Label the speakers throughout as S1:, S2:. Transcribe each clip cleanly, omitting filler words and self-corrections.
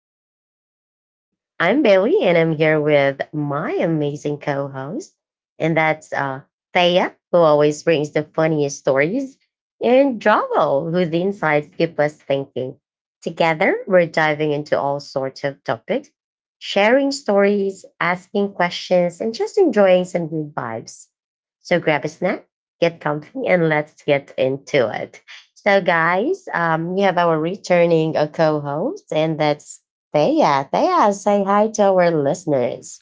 S1: to the Vibe Tribe. I'm Bailey and I'm here with my amazing co host, and that's Thea, who always brings the funniest stories, and Javo, whose insights keep us thinking. Together, we're diving into all sorts of topics, sharing stories, asking questions, and just enjoying some good vibes. So grab a snack, get comfy, and let's get into it. So, guys, we have our returning co-host, and that's Thea. Thea, say hi to our listeners.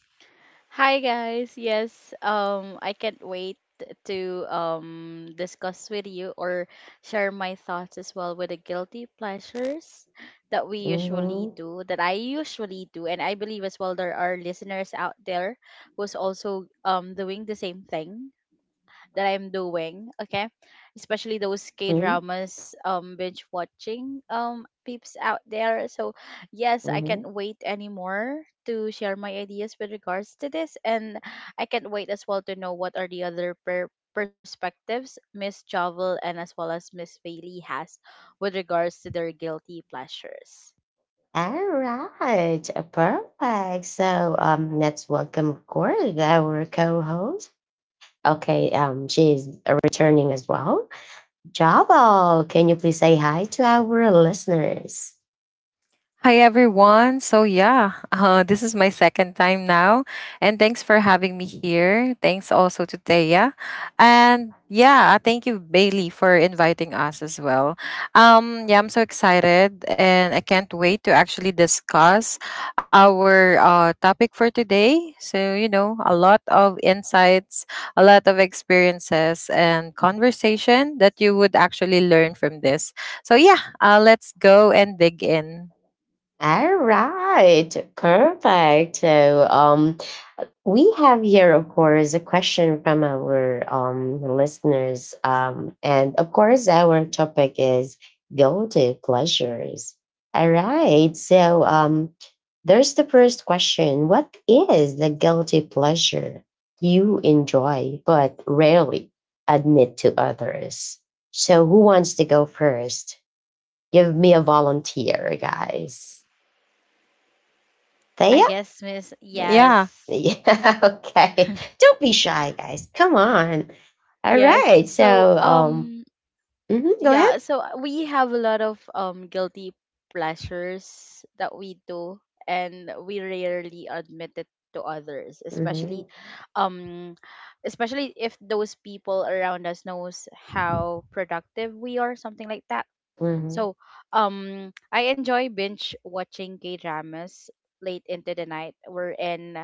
S2: Hi guys. Yes, I can't wait to discuss with you or share my thoughts as well with the guilty pleasures
S1: Mm-hmm,
S2: that I usually do, and I believe as well there are listeners out there who's also doing the same thing that I'm doing, okay? Especially those K
S1: mm-hmm.
S2: dramas, binge watching, peeps out there. So, yes, I
S1: Mm-hmm.
S2: can't wait anymore to share my ideas with regards to this, and I can't wait as well to know what are the other perspectives Miss Jovel and as well as Miss Bailey has with regards to their guilty pleasures.
S1: All right, perfect. So, let's welcome, of course, our co-host. Okay, she's returning as well. Jabo, can you please say hi to our listeners?
S3: Hi everyone. So yeah, this is my second time now, and thanks for having me here. Thanks also to Thea, and yeah, thank you Bailey for inviting us as well. Yeah, I'm so excited, and I can't wait to actually discuss our topic for today. So a lot of insights,
S1: Thank
S3: a lot of experiences, and conversation that
S1: you.
S3: you would actually learn from this. So yeah, let's go and dig in.
S1: All right, perfect. So, we have here, of course, a question from our listeners. And of course, our topic is guilty pleasures. All right. So, there's the first question. What is the guilty pleasure you enjoy but rarely admit to others? So, who wants to go first? Give me a volunteer, guys.
S2: I
S1: Thea?
S2: guess, Miss,
S3: Yeah,
S2: yes.
S1: Yeah, okay. Don't be shy, guys. Come on. All
S2: Yes.
S1: right.
S2: So,
S1: So, um,
S2: um,
S1: mhm, go ahead.
S2: yeah so uh, we have a lot of guilty pleasures that we do and we rarely admit it to others,
S1: hmm
S2: especially um especially if those people around us knows how productive we are, something like that.
S1: hmm
S2: So I enjoy binge watching K dramas late into the night, wherein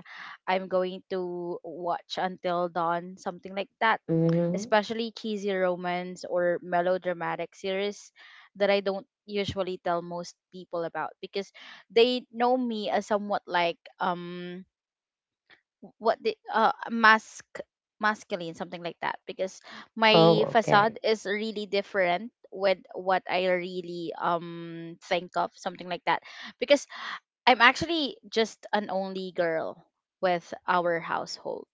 S2: I'm going to watch until dawn, something like that,
S1: hmm
S2: especially cheesy romance or melodramatic series that I don't usually tell most people about, because they know me as somewhat like what the mask, masculine, something like that, because
S1: Oh,
S2: my
S1: okay.
S2: facade is really different with what I really think of, something like that. Because I'm actually just an only girl with our household.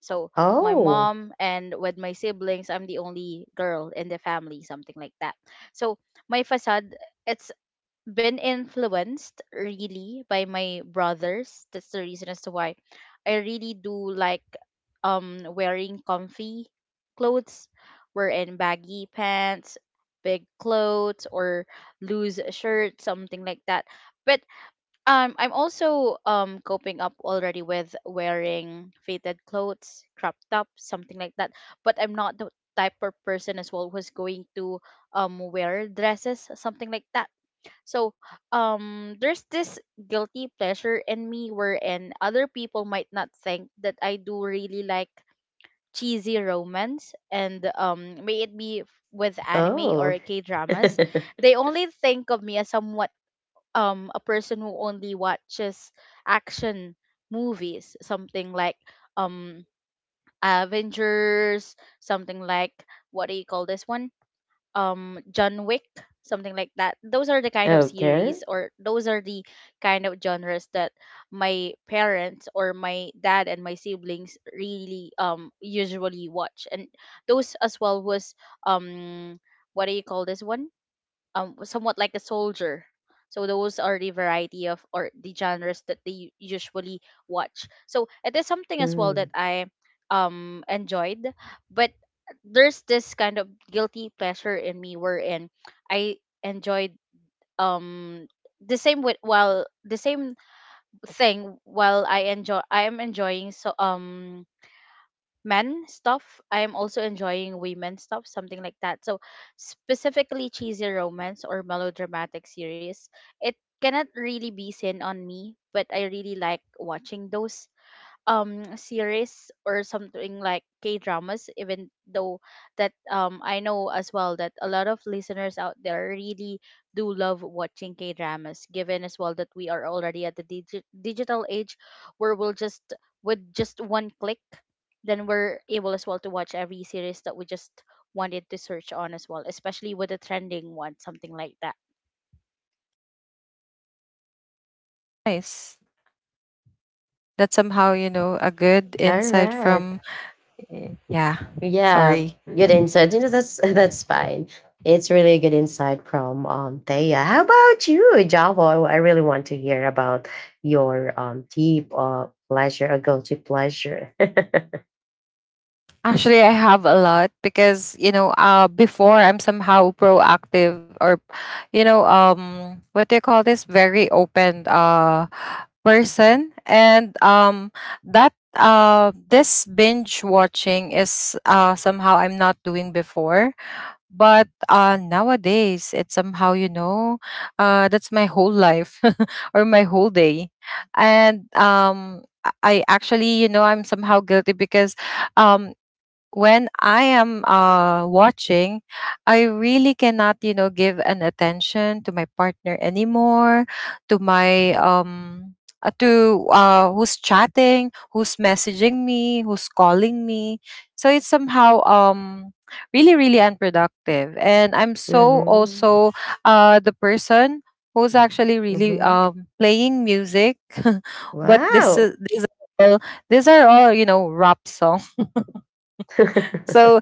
S2: So my
S1: Oh,
S2: mom and with my siblings, I'm the only girl in the family, something like that. So my facade, it's been influenced really by my brothers. That's the reason as to why I really do like wearing comfy clothes, wearing baggy pants, big clothes or loose shirts, something like that. But I'm also coping up already with wearing faded clothes, crop top, something like that. But I'm not the type of person as well who's going to wear dresses, something like that. So there's this guilty pleasure in me wherein other people might not think that I do really like cheesy romance and may it be with anime or
S1: oh.
S2: K dramas. They only think of me as someone, a person who only watches action movies, something like um Avengers, something like what do you call this one, John Wick, something like that. Those are the kind of
S1: okay.
S2: series or those are the kind of genres that my parents or my dad and my siblings really usually watch. And those as well was um what do you call this one, somewhat like a soldier. So those are the variety of or the genres that they usually watch. So it is something as well that
S1: Mm.
S2: I enjoyed. But there's this kind of guilty pleasure in me wherein I enjoyed, um the same thing, while I am enjoying so men stuff, I'm also enjoying women stuff, something like that. So specifically cheesy romance or melodramatic series, it cannot really be seen on me, but I really like watching those series or something like K dramas, even though that I know as well that a lot of listeners out there really do love watching K dramas, given as well that we are already at the digital age where we'll just with just one click then we're able as well to watch every series that we just wanted to search on as well, especially with the trending one, something like that.
S3: nice. That's somehow, a good
S1: All
S3: insight
S1: right.
S3: from. Yeah,
S1: Yeah,
S3: sorry.
S1: good insight. You know, that's that's fine. It's really a good insight from Thea. How about you, Java? I really want to hear about your deep pleasure a guilty pleasure.
S3: Actually, I have a lot because before I'm somehow proactive or what do you call this? Very open, person and that this binge watching is somehow I'm not doing before. But nowadays, it's somehow, you know, that's my whole life or my whole day. And I actually, I'm somehow guilty because um, when I am watching, I really cannot, give an attention to my partner anymore, to my um, to who's chatting, who's messaging me, who's calling me. So it's somehow really really unproductive, and I'm so
S1: Mm-hmm.
S3: also the person who's actually really
S1: Mm-hmm.
S3: playing music, but this
S1: Wow.
S3: is these are all rap songs. So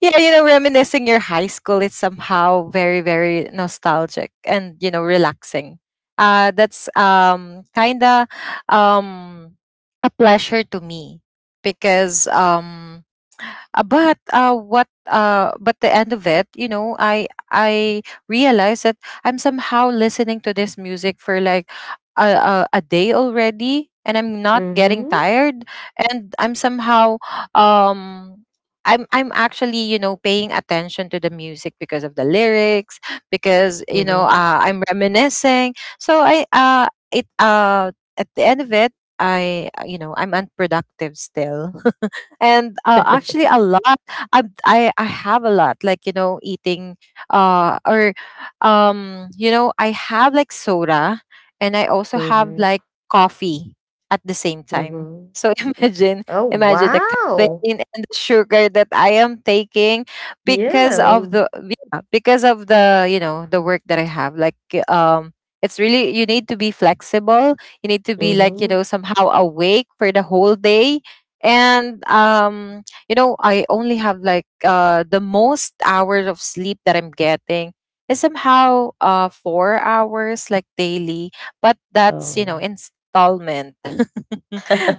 S3: yeah, reminiscing your high school, it's somehow very, very nostalgic and, relaxing. That's kind of um, a pleasure to me because but what? But the end of it, I realized that I'm somehow listening to this music for like a day already, and I'm not getting
S1: Mm-hmm.
S3: tired, and um. I'm actually paying attention to the music because of the lyrics because
S1: Mm-hmm.
S3: I'm reminiscing, so I it at the end of it I you know I'm unproductive still, and actually a lot I have a lot like eating or I have like soda and I also have
S1: Mm-hmm.
S3: like coffee at the same time,
S1: Mm-hmm.
S3: so imagine
S1: Oh
S3: imagine the
S1: wow.
S3: caffeine and the sugar that I am taking
S1: Yeah.
S3: because of the you know the work that I have um it's really, you need to be flexible, you need to be
S1: Mm-hmm.
S3: somehow awake for the whole day. And I only have the most hours of sleep that I'm getting is somehow 4 hours like daily, but that's
S1: Oh.
S3: installment.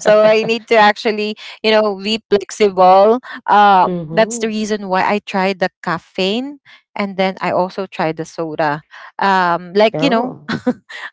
S3: So I need to actually be flexible. That's the
S1: Mm-hmm.
S3: reason why I tried the caffeine, and then I also tried the soda, um like you know
S1: Oh.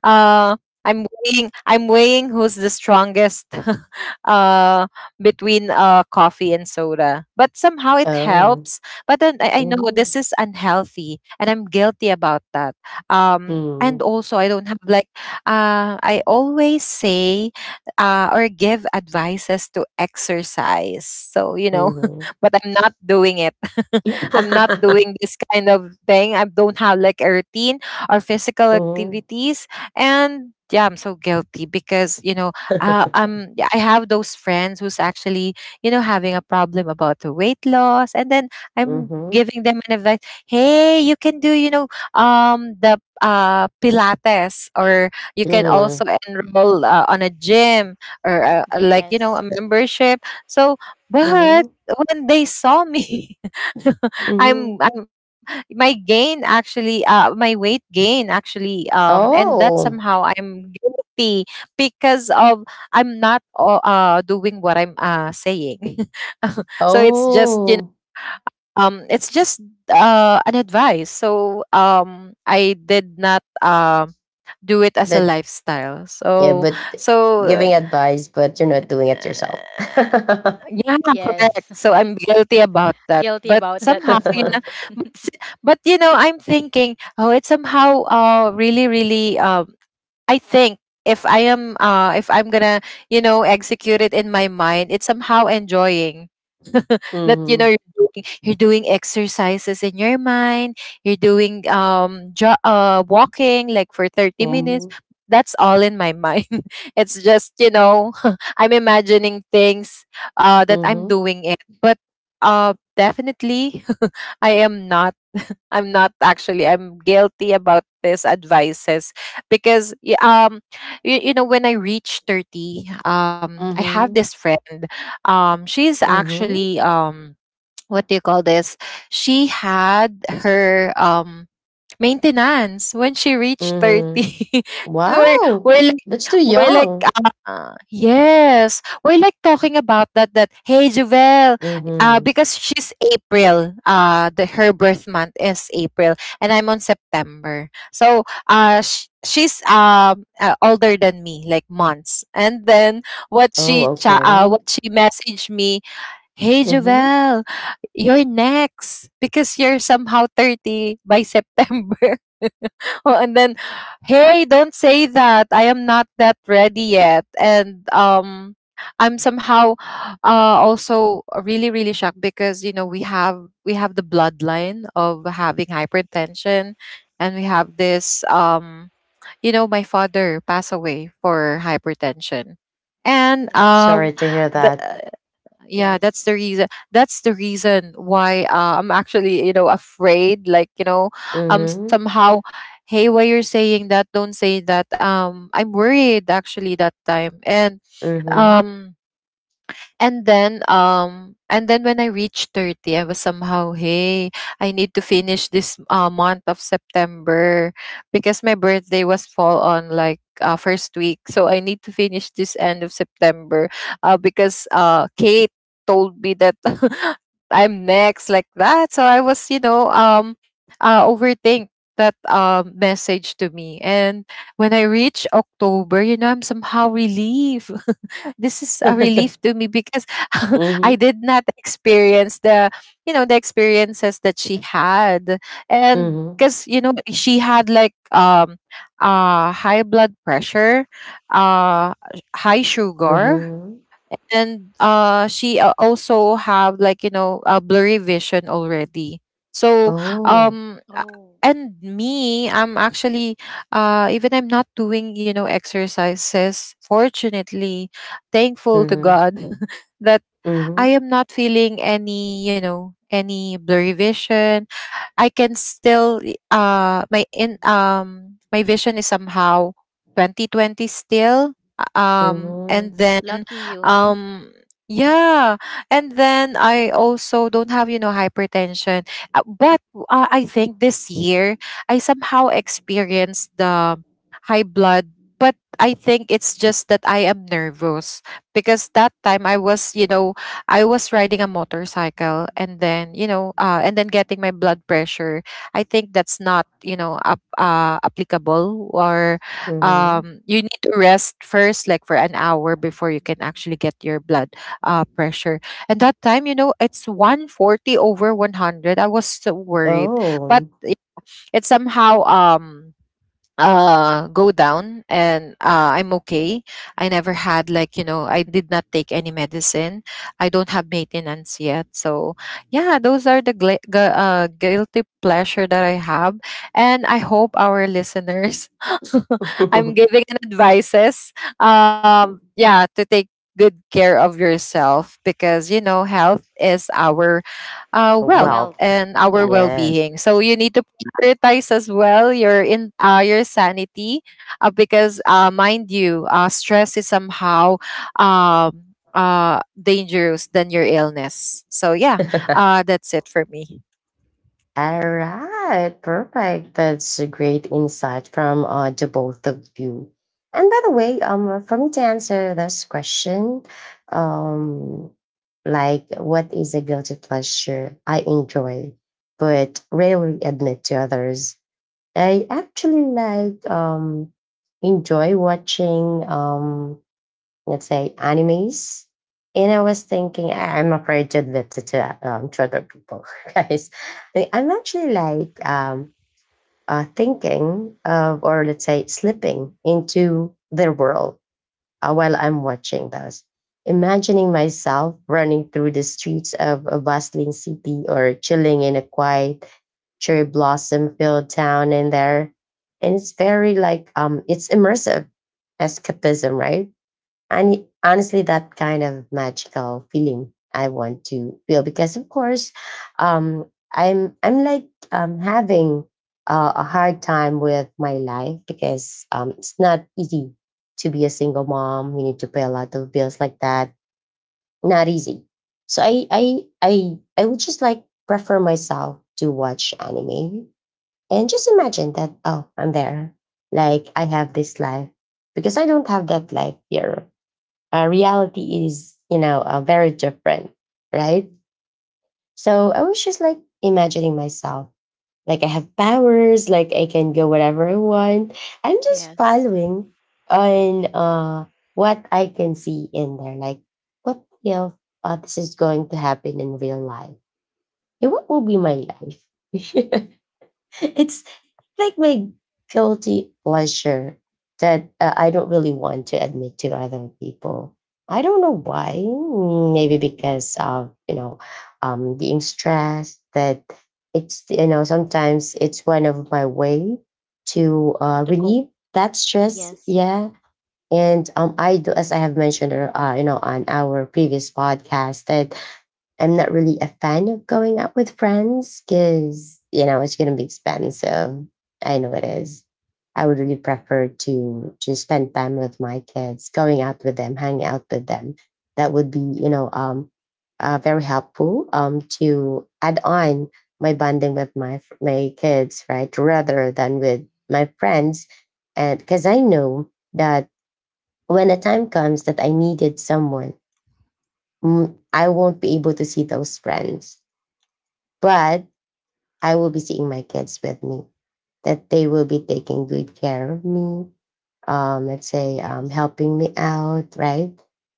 S3: uh I'm weighing who's the strongest. uh Between coffee and soda. But somehow it
S1: Oh.
S3: helps. But then I know this
S1: Mhm.
S3: is unhealthy, and I'm guilty about that. And
S1: Mhm.
S3: also I don't have like I always say, or give advices to exercise. So,
S1: Mhm.
S3: but I'm not doing it. I'm not doing this kind of thing. I don't have like a routine or physical
S1: Mhm.
S3: activities. And yeah, I'm so guilty because, you know, uh, um yeah, I have those friends who's actually having a problem about the weight loss, and then I'm
S1: Mhm.
S3: giving them an advice. Hey, you can do you know the Pilates, or you can
S1: Mhm.
S3: also enroll on a gym or a
S2: Yes.
S3: membership. So, but
S1: Mhm.
S3: when they saw me,
S1: Mhm.
S3: I'm my weight gain actually, and that
S1: Oh.
S3: somehow I'm guilty because of I'm not doing what I'm saying. So it's just you know
S1: Oh.
S3: um it's just uh an advice. So I did not do it as a
S1: But
S3: lifestyle.
S1: yeah, but th-
S3: So uh,
S1: giving advice, but you're not doing it yourself.
S3: yeah, correct.
S2: Yes.
S3: So I'm guilty about that.
S2: Guilty
S3: But
S2: about that
S3: somehow
S2: as
S3: you
S2: well.
S3: know but, s- but you know I'm thinking, oh, it's somehow really really I think, if I'm gonna, execute it in my mind, it's somehow enjoying that
S1: Mhm.
S3: you're doing exercises in your mind, you're doing walking like for 30 minutes.
S1: Mhm.
S3: That's all in my mind. It's just, I'm imagining things that I'm
S1: Mhm.
S3: doing it. But definitely I am not I'm not actually. I'm guilty about these advices because you know when I reach 30, I have
S1: Mhm.
S3: this friend. She's
S1: Mhm.
S3: actually what do you call this? She had her maintenance when she reached
S1: Mhm.
S3: 30. And
S1: Wow.
S3: we're like
S1: That's too
S3: we're like
S1: young.
S3: yes, we're like talking about that hey Jovel,
S1: Mhm.
S3: because she's April, the her birth month is April, and I'm on September. So she's older than me like months, and then
S1: Oh, okay.
S3: what she messaged me. Hey
S1: Mhm.
S3: Jovel, you're next because you're somehow 30 by September. Oh, and then, hey, don't say that. I am not that ready yet. And I'm somehow also really, really shocked because we have the bloodline of having hypertension, and we have this you know my father passed away for hypertension. And
S2: Oh,
S1: Sorry to hear
S3: the,
S1: that.
S3: yeah, that's the
S2: yes.
S3: reason that's the reason why I'm actually afraid, like
S1: Mhm,
S3: somehow, hey why you're saying that, don't say that. I'm worried actually that time, and
S1: mhm.
S3: um and then when I reached 30, I was somehow, hey, I need to finish this month of September because my birthday was fall on like first week. So I need to finish this end of September, because Kate told me that I'm next like that. So I was, overthink that message to me. And when I reach October, I'm somehow relieved. This is a relief to me because I
S1: Mhm,
S3: did not experience the experiences that she had. And
S1: mhm,
S3: because, she had high blood pressure, uh high sugar,
S1: mhm.
S3: and she also have a blurry vision already. So
S1: Oh.
S3: a-
S2: Oh,
S3: and me I'm actually, even I'm not doing exercises, fortunately, thankful to
S1: Mhm,
S3: God, that I
S1: mhm,
S3: am not feeling any you know any blurry vision. I can still my vision is somehow 2020 still. uh, um and
S1: mhm,
S3: then
S2: lucky you.
S3: um yeah and then I also don't have hypertension. But I think this year I somehow experienced the high blood, but I think it's just that I am nervous because that time I was riding a motorcycle, and then getting my blood pressure. I think that's not applicable or,
S1: mhm.
S3: you need to rest first, like for an hour before you can actually get your blood pressure. And that time, it's 140 over 100. I was so worried, but
S1: Oh.
S3: it somehow, go down, and I'm okay. I never had like you know I did not take any medicine. I don't have maintenance yet. So yeah, those are the guilty pleasure that I have, and I hope our listeners, I'm giving an advices, yeah, to take good care of yourself, because health is our wealth
S1: Well,
S2: Wealth.
S3: and our
S2: Yes.
S1: yes.
S3: well-being, so you need to prioritize as well your sanity, because mind you, stress is somehow um, dangerous than your illness. So yeah, that's it for me.
S1: All right, perfect. That's a great insight from the both of you. And by the way, for me to answer this question, um, like what is a guilty pleasure I enjoy but rarely admit to others? I actually like enjoy watching let's say animes, and I was thinking I'm afraid to admit to other people, guys. I'm actually like thinking of, or let's say, slipping into their world while I'm watching those, imagining myself running through the streets of a bustling city or chilling in a quiet cherry blossom filled town in there. And it's very like it's immersive escapism, right? And honestly, that kind of magical feeling I want to feel because, of course, um, I'm like having a hard time with my life because it's not easy to be a single mom. You need to pay a lot of bills like that. Not easy. So I would just like prefer myself to watch anime and just imagine that, oh, I'm there, like I have this life because I don't have that life here. Reality is, you know, very different, right? So I was just like imagining myself like I have powers, like I can go whatever I want. I'm just
S2: Yes.
S1: following on what I can see in there, like, what if this is going to happen in real life, and what will be my life? It's like my guilty pleasure that I don't really want to admit to other people. I don't know why. Maybe because of, you know, being stressed. That it's, you know, sometimes it's one of my way to
S2: To cope.
S1: relieve that stress.
S2: Yes.
S1: Yeah, and I do, as I have mentioned, you know, on our previous podcast, that I'm not really a fan of going out with friends because, you know, it's going to be expensive. I know it is. I would really prefer to spend time with my kids, going out with them, hanging out with them. That would be, you know, very helpful to add on my bonding with my kids, right, rather than with my friends, and because I know that when the time comes that I needed someone, mm, I won't be able to see those friends, but I will be seeing my kids with me, that they will be taking good care of me, let's say
S2: Yes.
S1: helping me out, right?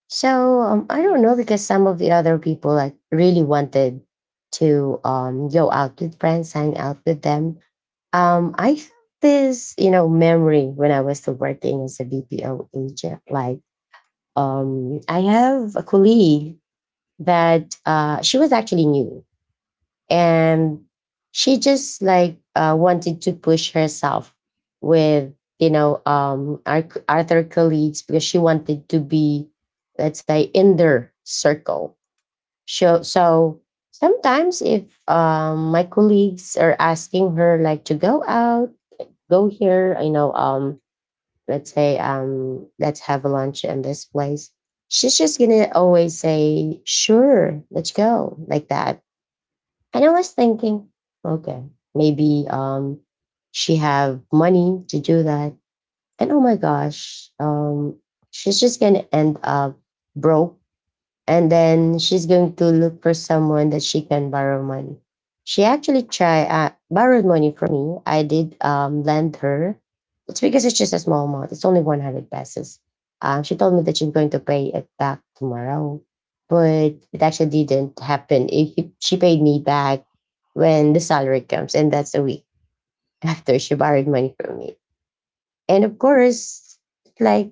S1: So I don't
S2: Yes.
S1: know because some of the other people like really wanted to go out with friends, hang out with them. I have this, you know, memory when I was still working as a BPO agent. Like I have a colleague that she was actually new, and she just like wanted to push herself with, you know, our other colleagues because she wanted to be, let's say, in their circle. So so sometimes if my colleagues are asking her like to go out, go here, you know, let's say let's have a lunch in this place, she's just gonna always say, sure, let's go, like that. And I was thinking, okay, maybe she have money to do that. And oh my gosh, she's just gonna end up broke, and then she's going to look for someone that she can borrow money. She actually tried borrowed money from me. I did lend her. It's because it's just a small amount. It's only 100 pesos. She told me that she's going to pay it back tomorrow, but it actually didn't happen. If it- she paid me back when the salary comes, and that's a week after she borrowed money from me. And of course, like,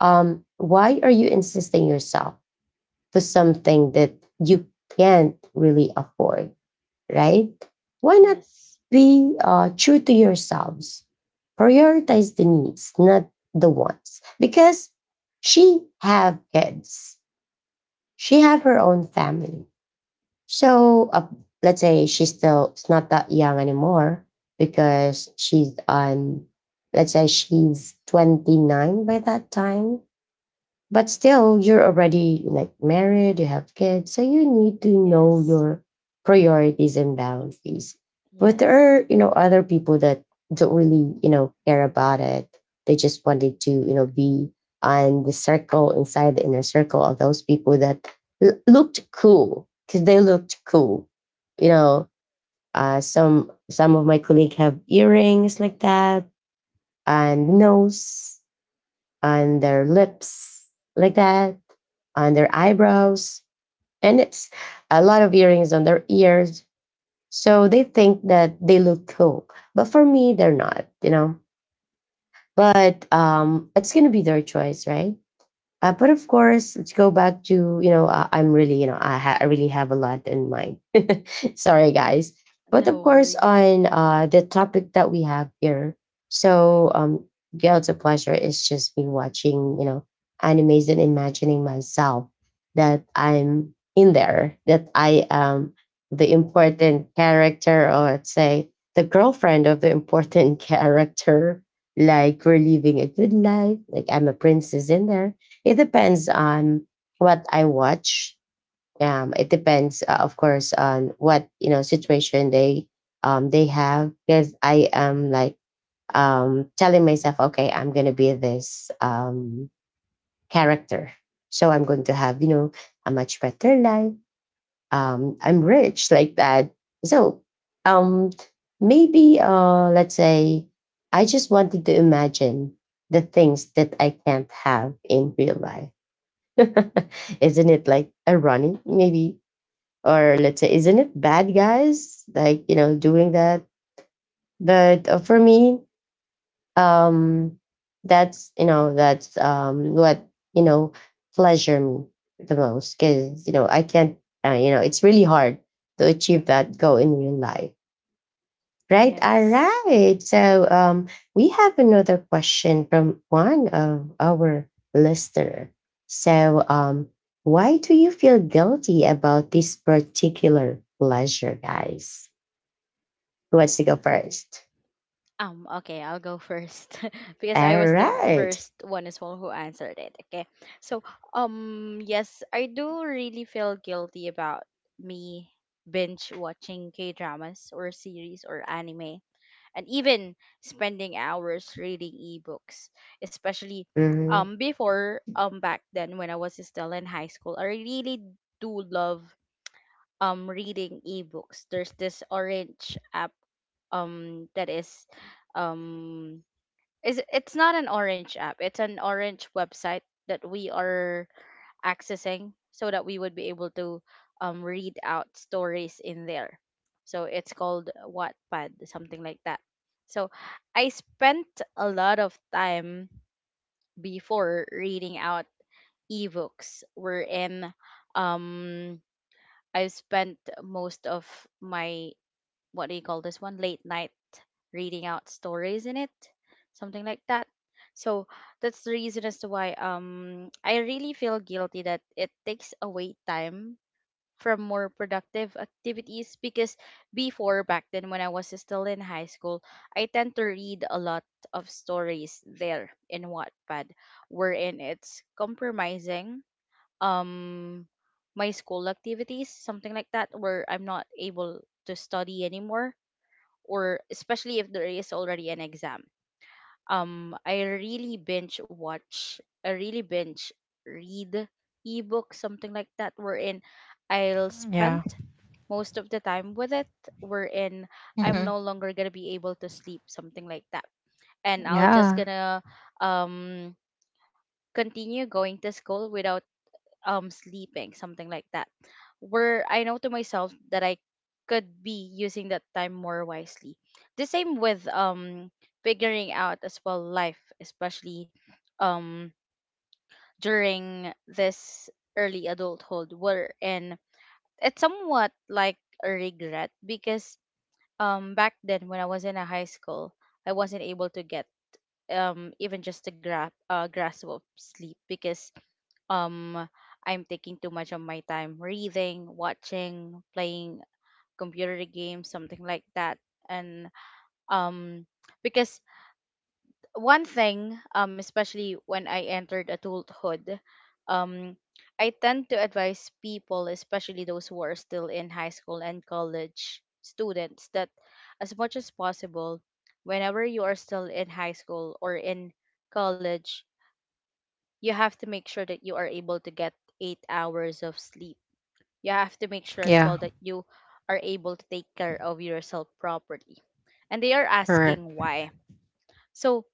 S1: why are you insisting yourself to something that you can't really afford, right? Why not
S2: Yes.
S1: be true to yourselves? Prioritize the needs, not the wants. Because she have kids. She have her own family. So let's say she's still, it's not that young anymore because she's on, let's say she's 29 by that time, but still, you're already like married, you have kids, so you need to know
S2: Yes.
S1: your priorities and boundaries. But there are,
S2: Yes.
S1: you know, other people that don't really, you know, care about it. They just wanted to, you know, be on the circle, inside the inner circle of those people that looked cool because they looked cool, you know. Some some of my colleagues have earrings like that, and nose, on their lips like that, on their eyebrows, and it's a lot of earrings on their ears. So they think that they look cool. But for me, they're not, you know. But it's gonna be their choice, right? But of course, let's go back to, you know, I'm really, you know, I really have a lot in mind. Sorry, guys. But of
S2: No
S1: course,
S2: worries.
S1: on the topic that we have here, so guilty pleasure is just me watching, you know, animes and imagining myself that I'm in there, that I am the important character, or let's say the girlfriend of the important character. Like we're living a good life, like I'm a princess in there. It depends on what I watch. It depends, of course, on what, you know, situation they have because I am like telling myself, okay, I'm gonna be this character, so I'm going to have, you know, a much better life, I'm rich, like that. So um maybe let's say I just wanted to imagine the things that I can't have in real life. Isn't it like ironic, maybe, or let's say isn't it bad, guys, like, you know, doing that? But for me, um that's, you know, that's what, you know, pleasure me the most, because, you know, I can't, you know, it's really hard to achieve that goal in real life. Right, all
S2: Yes.
S1: right. So we have another question from one of our listener. So, why do you feel guilty about this particular pleasure, guys? Who wants to go first?
S2: Okay, I'll go first because I
S1: All
S2: was the
S1: right.
S2: first one as well who answered it. Okay. So, yes, I do really feel guilty about me binge watching K dramas or series or anime, and even spending hours reading ebooks, especially
S1: Mhm,
S2: before back then when I was still in high school. I really do love reading ebooks. There's this orange app that is um is, it's not an orange app, it's an orange website that we are accessing so that we would be able to read out stories in there. So it's called Wattpad, something like that. So I spent a lot of time before reading out ebooks, wherein um, I've spent most of my, what do you call this one, late night reading out stories in it, something like that. So that's the reason as to why I really feel guilty that it takes away time from more productive activities, because before, back then when I was still in high school, I tend to read a lot of stories there in Wattpad, wherein it's compromising um my school activities, something like that, where I'm not able to study anymore, or especially if there is already an exam. I really binge watch, I really binge read ebook, something like that, wherein I'll
S3: Yeah.
S2: spend most of the time with it, wherein I'm no
S3: Hmm.
S2: longer gonna be able to sleep, something like that. And I'll just
S3: Yeah.
S2: gonna um continue going to school without sleeping, something like that, where I know to myself that I could be using that time more wisely. The same with figuring out as well life, especially um during this early adulthood, wherein it's somewhat like a regret, because back then when I was in a high school, I wasn't able to get even just a grasp of sleep, because um I'm taking too much of my time reading, watching, playing computer games, something like that. And um because one thing, especially when I entered adulthood, um, I tend to advise people, especially those who are still in high school and college students, that as much as possible, whenever you are still in high school or in college, you have to make sure that you are able to get 8 hours of sleep. You have to make sure as
S3: Yeah.
S2: well that you are able to take care of yourself properly. And they are
S3: Correct.
S2: asking why. So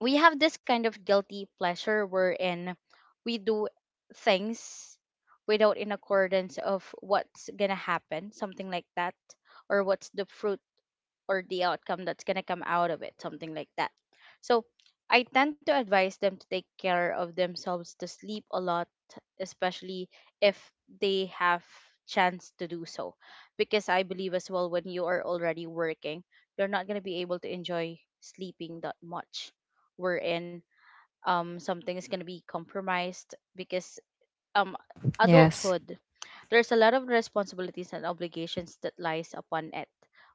S2: we have this kind of guilty pleasure wherein we do things without in accordance of what's gonna happen, something like that, or what's the fruit or the outcome that's going to come out of it, something like that. So I tend to advise them to take care of themselves, to sleep a lot, especially if they have chance to do so, because I believe as well when you are already working, you're not going to be able to enjoy sleeping that much, wherein something is going to be compromised, because um
S3: Yes.
S2: adulthood, there's a lot of responsibilities and obligations that lies upon it,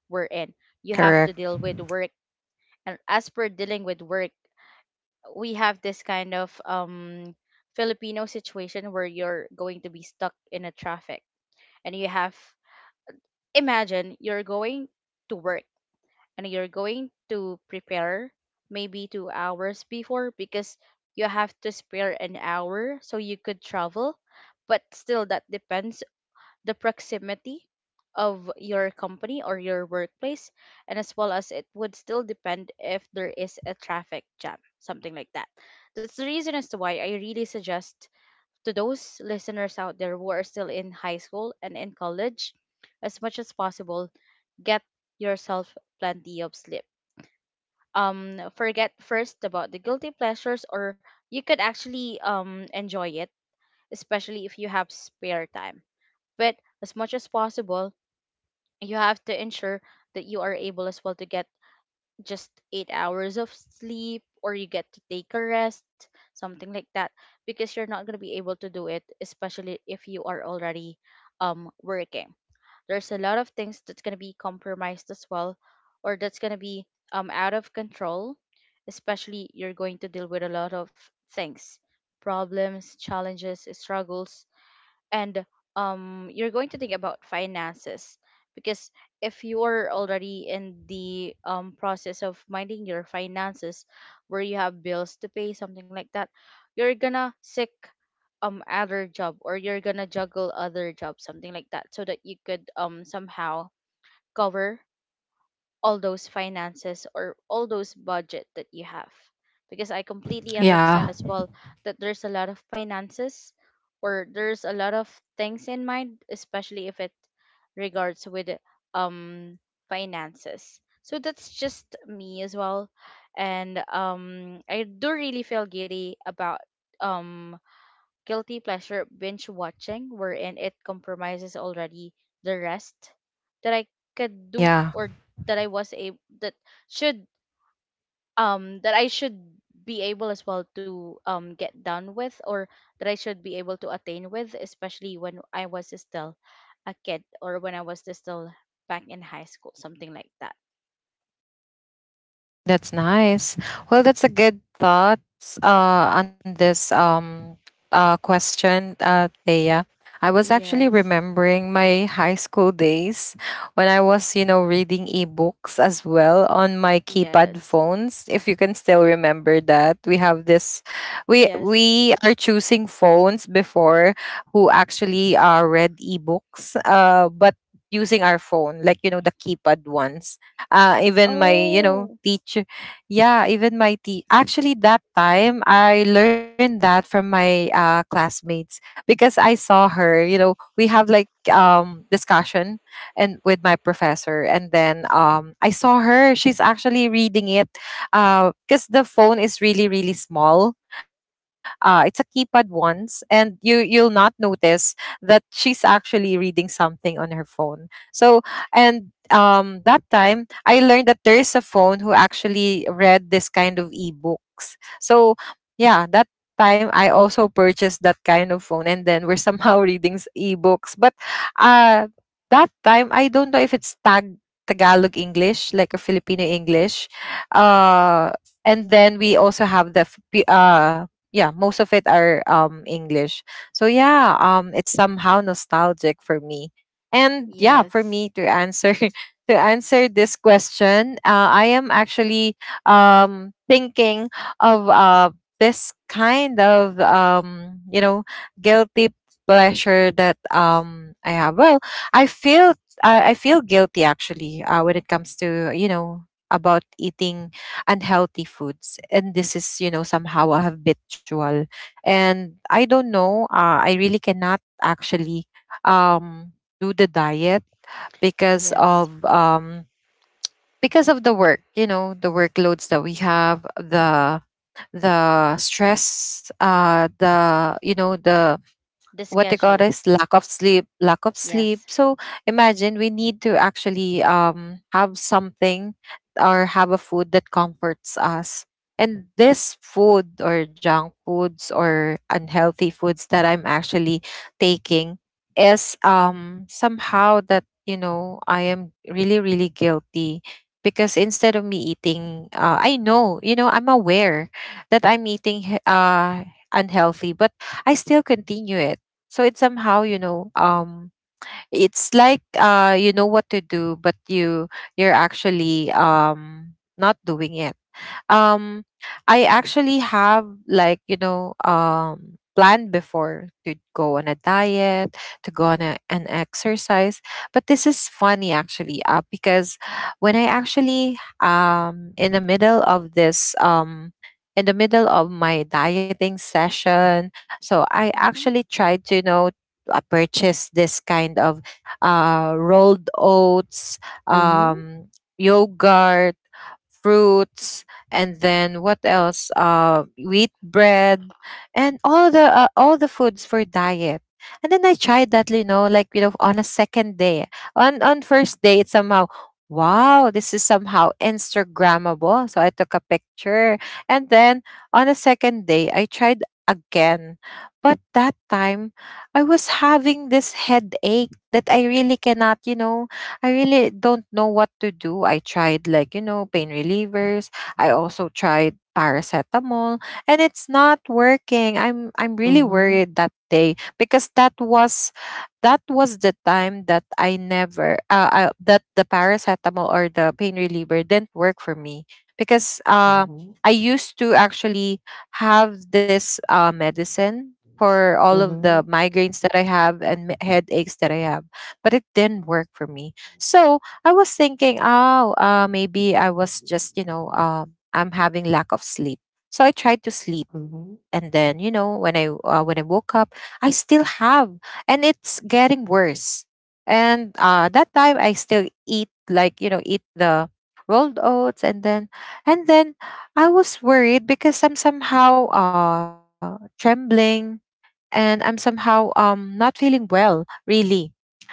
S2: we're in you have
S3: Correct.
S2: to deal with work. And as per dealing with work, we have this kind of Filipino situation where you're going to be stuck in a traffic, and you have, imagine, you're going to work and you're going to prepare maybe 2 hours before, because you have to spare an hour so you could travel, but still that depends the proximity of your company or your workplace, and as well as it would still depend if there is a traffic jam, something like that. That's the reason as to why I really suggest to those listeners out there who are still in high school and in college, as much as possible, get yourself plenty of sleep. Forget first about the guilty pleasures, or you could actually enjoy it, especially if you have spare time, but as much as possible, you have to ensure that you are able as well to get just 8 hours of sleep or you get to take a rest, something like that, because you're not going to be able to do it, especially if you are already working. There's a lot of things that's going to be compromised as well, or that's going to be out of control, especially you're going to deal with a lot of things, problems, challenges, struggles, and you're going to think about finances, because if you're already in the process of minding your finances where you have bills to pay, something like that, you're gonna seek other job or you're gonna juggle other jobs, something like that, so that you could somehow cover all those finances or all those budget that you have, because I completely understand
S3: Yeah.
S2: as well that there's a lot of finances or there's a lot of things in mind, especially if it regards with um finances. So that's just me as well, and I do really feel giddy about um guilty pleasure binge watching, wherein it compromises already the rest that I could
S3: Yeah.
S2: do, or that I was able, that should, that I should be able as well to get done with, or that I should be able to attain with, especially when I was still a kid, or when I Was still back in high school, something like that.
S3: That's nice. Well, that's a good thoughts on this question, Thea. I was actually
S2: Yes.
S3: remembering my high school days when I was, reading ebooks as well on my
S2: Yes.
S3: keypad phones. If you can still remember that, we have this,
S2: Yes.
S3: we are choosing phones before who actually read ebooks, but using our phone, the keypad ones. Even my you
S2: Oh.
S3: know teacher yeah, even my tea actually that time I learned that from my classmates, because I saw her, we have discussion, and with my professor. And then I saw her, she's actually reading it, because the phone is really really small. It's a keypad ones, and you'll not notice that she's actually reading something on her phone. So and That time I learned that there is a phone who actually read this kind of ebooks. So yeah, that time I also purchased that kind of phone and then we're somehow reading ebooks. But uh that time I don't know if it's Tagalog English, like a Filipino English. Uh and then we also have the yeah, most of it are English. So yeah, it's somehow nostalgic for me. And yeah, for
S2: Yes.
S3: me to answer to answer this question, I am actually thinking of this kind of guilty pleasure that I have. Well, I feel I feel guilty actually when it comes to about eating unhealthy foods, and this is somehow a habitual, and I don't know I really cannot actually um do the diet because
S2: Yes.
S3: of um because of the work, you know, the workloads that we have, the stress, the, you know, the
S2: The
S3: what they call
S2: schedule.
S3: is lack of sleep, lack of sleep.
S2: Yes.
S3: So imagine we need to actually have something or have a food that comforts us, and this food or junk foods or unhealthy foods that I'm actually taking is somehow that, you know, I am really, really guilty, because instead of me eating, I know, you know, I'm aware that I'm eating unhealthy, but I still continue it. So it's somehow, you know, it's like, you know what to do, but you're actually not doing it. um I actually have, like, you know, planned before to go on a diet, to go on an exercise, but this is funny actually because when I actually in the middle of this in the middle of my dieting session, so I
S2: Mhm.
S3: actually tried to, you know, purchase this kind of rolled oats,
S1: mhm,
S3: um yogurt, fruits, and then what else? Wheat bread, and all the foods for diet. And then I tried that, you know, on a second day. On first day, it's somehow, wow, this is somehow Instagrammable. So I took a picture, and then on a second day, I tried again, but that time I was having this headache that I really cannot, you know, I really don't know what to do. I tried, like, you know, pain relievers. I also tried paracetamol, and it's not working. I'm really
S1: mhm,
S3: worried that day, because that was the time that I never that the paracetamol or the pain reliever didn't work for me, because I used to actually have this medicine for all of the
S1: mhm,
S3: migraines that I have, and headaches that I have, but it didn't work for me. So I was thinking, oh, maybe I was just, you know, I'm having lack of sleep. So I tried to sleep,
S1: mhm,
S3: and then, you know, when I woke up, I still have, and it's getting worse. And that time I still eat, like, you know, eat the rolled oats, and then I was worried because I'm somehow trembling, and I'm somehow not feeling well, really.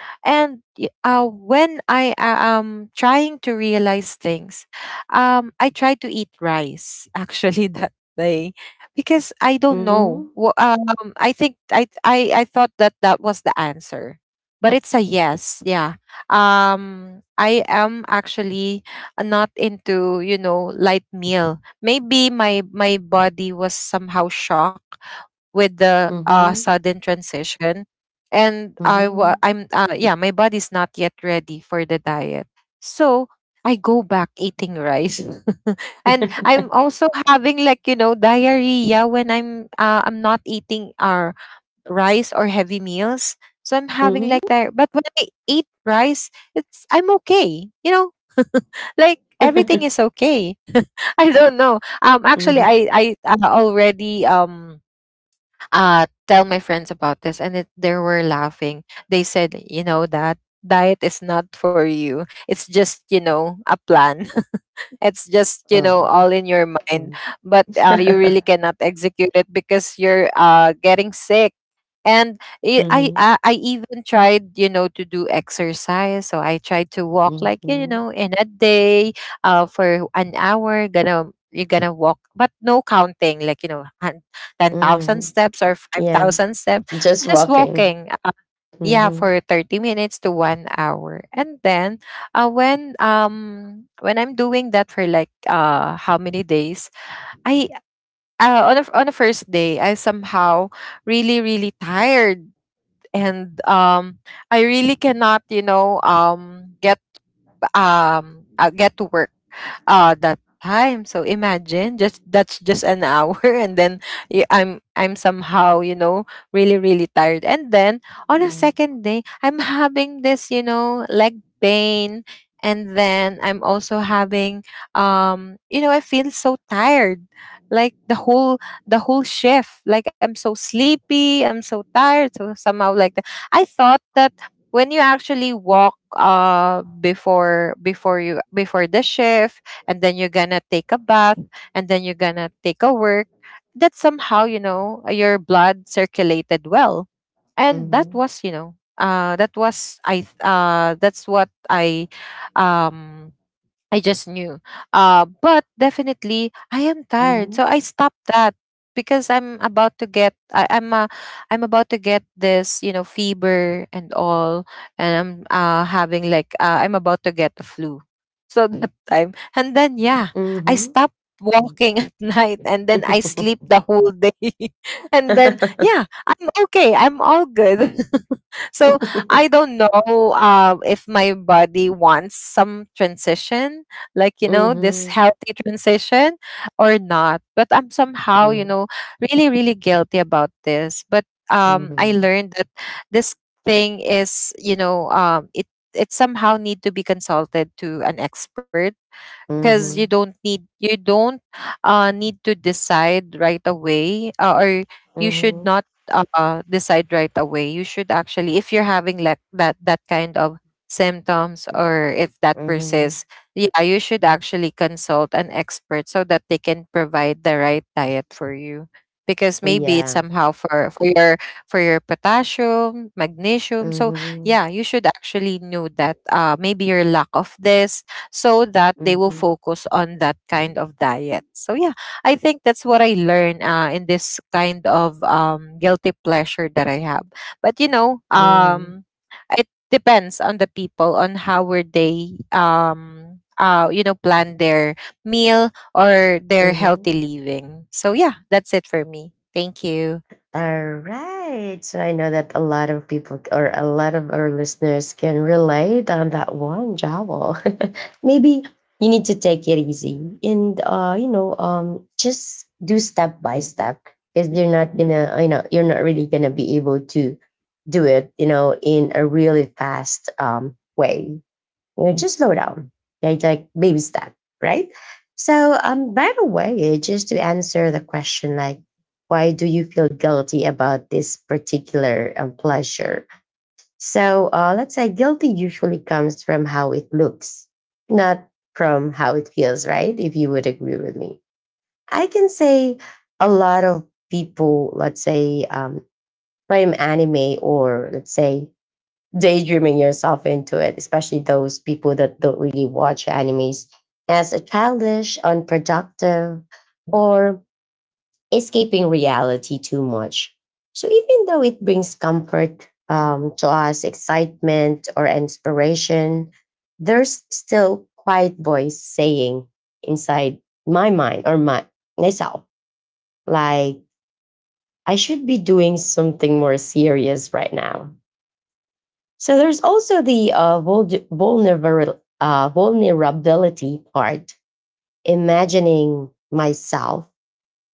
S3: And when I am trying to realize things, I try to eat rice actually that day, because I don't know.
S1: mhm,
S3: I think I thought that that was the answer, but it's a yes. Yeah. I am actually not into, you know, light meal. Maybe my body was somehow shocked with the
S1: mhm,
S3: sudden transition, and
S1: mhm, mhm,
S3: I'm yeah, my body's not yet ready for the diet. So I go back eating rice, and I'm also having, like, you know, diarrhea when I'm not eating our rice or heavy meals. So I'm having
S1: mhm,
S3: like that. But when I eat rice, it's I'm okay. You know, like everything is okay. I don't know. Actually,
S1: mhm.
S3: I already tell my friends about this, and they were laughing. They said, you know, that diet is not for you. It's just, you know, a plan. It's just, you know,
S1: Oh.
S3: all in your mind, but you really cannot execute it because you're getting sick. And
S1: mhm.
S3: I even tried, you know, to do exercise. So I tried to walk, like, you
S1: Mhm.
S3: know, in a day, for an hour. Gonna, you're gonna walk, but no counting, like, you know, 10,000
S1: Mhm.
S3: steps or
S1: Yeah,
S3: 5,000 steps.
S1: just
S3: I'm just
S1: walking.
S3: walking, yeah,
S1: Mhm.
S3: for 30 minutes to 1 hour. And then when I'm doing that for like how many days, I on on the first day I somehow really, really tired, and I really cannot, you know, get to work that time. So imagine just that's just an hour and then I'm somehow, you know, really, really tired. And then on a
S1: Mhm.
S3: second day, I'm having this, you know, leg pain. And then I'm also having, you know, I feel so tired, like the whole shift, like I'm so sleepy, I'm so tired. So somehow like that, I thought that when you actually walk before before you before the shift, and then you're gonna take a bath, and then you're gonna take a work, that somehow, you know, your blood circulated well. And that
S1: Mhm.
S3: was, you know, that was that's what um I just knew. But definitely, I am tired,
S1: Mhm.
S3: so I stopped that, because I'm about to get. I'm about to get this, you know, fever and all, and I'm having like I'm about to get the flu. So that time, and then yeah, I
S1: Mhm.
S3: stopped walking at night, and then I sleep the whole day, and then yeah, I'm okay. I'm all good. So I don't know if my body wants some transition, like, you know, this
S1: Mhm.
S3: healthy transition or not. But I'm somehow, you
S1: Mhm.
S3: know, really, really guilty about this. But
S1: Mhm.
S3: I
S1: Mhm.
S3: learned that this thing is, you know, it it somehow need to be consulted to an expert, because you
S1: Mhm.
S3: don't need, you don't need to decide right away, or you should
S1: Mhm.
S3: not decide right away. You should actually, if you're having like that that kind of symptoms, or if that
S1: Mhm.
S3: persists, yeah, you should actually consult an expert, so that they can provide the right diet for you. Because maybe it's
S1: Yeah.
S3: somehow for your for your potassium, magnesium. So
S1: Mhm.
S3: yeah, you should actually know that maybe your lack of this, so that they will
S1: Mhm.
S3: focus on that kind of diet. So yeah, I think that's what I learned in this kind of guilty pleasure that I have. But you know,
S1: Mhm.
S3: it depends on the people on how were they you know, plan their meal or their
S1: Mhm.
S3: healthy living. So yeah, that's it for me. Thank you.
S1: All right. So I know that a lot of people or a lot of our listeners can relate on that one, Jowl. Maybe you need to take it easy and, you know, just do step by step because you're not gonna, you know, you're not really gonna be able to do it, you know, in a really fast way. You know, just slow down. Okay, like baby step, right? So, by the way, just to answer the question, why do you feel guilty about this particular pleasure? So, let's say guilty usually comes from how it looks, not from how it feels, right? If you would agree with me, I can say a lot of people, let's say, frame anime or let's say daydreaming yourself into it, especially those people that don't really watch animes, as a childish, unproductive, or escaping reality too much. So even though it brings comfort to us, excitement or inspiration, there's still quiet voice saying inside my mind or my myself, like I should be doing something more serious right now. So there's also the vulnerability part. Imagining myself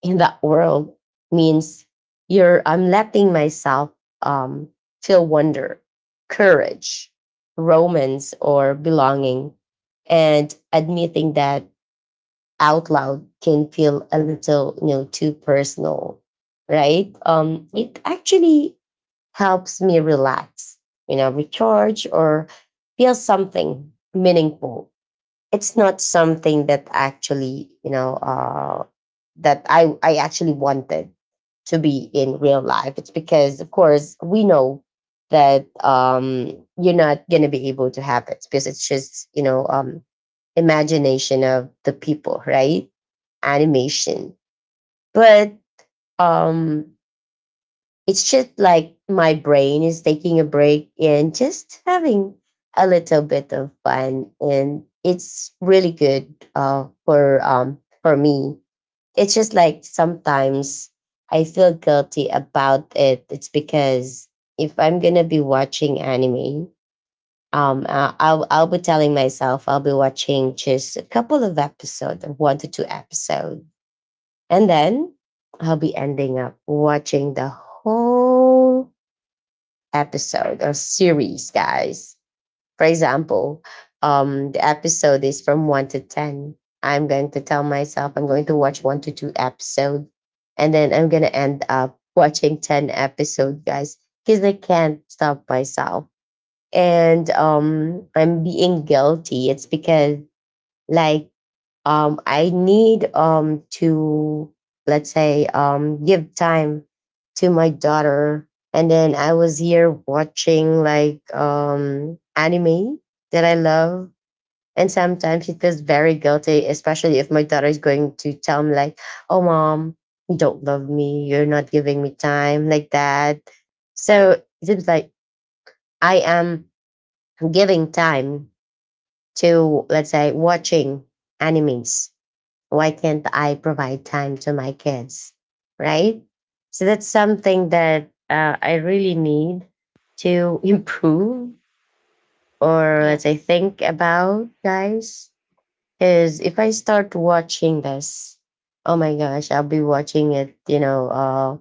S1: in that world means you're I'm letting myself um, feel wonder, courage, romance, or belonging, and admitting that out loud can feel a little, you know, too personal, right? It actually helps me relax, you know, recharge or feel something meaningful. It's not something that actually, you know, that I actually wanted to be in real life. It's because, of course, we know that you're not going to be able to have it because it's just, you know, imagination of the people, right? Animation. But um, it's just like my brain is taking a break and just having a little bit of fun. And it's really good for me. It's just like sometimes I feel guilty about it. It's because if I'm gonna be watching anime, I'll be telling myself I'll be watching just a couple of episodes, one to two episodes, and then I'll be ending up watching the whole episode or series, guys. For example, the episode is from one to ten. I'm going to tell myself I'm going to watch one to two episode, and then I'm gonna end up watching ten episode, guys, because I can't stop myself. And I'm being guilty. It's because like I need to, let's say, give time to my daughter. And then I was here watching like anime that I love. And sometimes it feels very guilty, especially if my daughter is going to tell me, like, oh, mom, you don't love me. You're not giving me time like that. So it seems like I am giving time to, let's say, watching animes. Why can't I provide time to my kids? Right? So that's something that I really need to improve or let's say
S2: Yes.
S1: think about, guys. Because if I start watching this, oh my gosh, I'll be watching it, you know,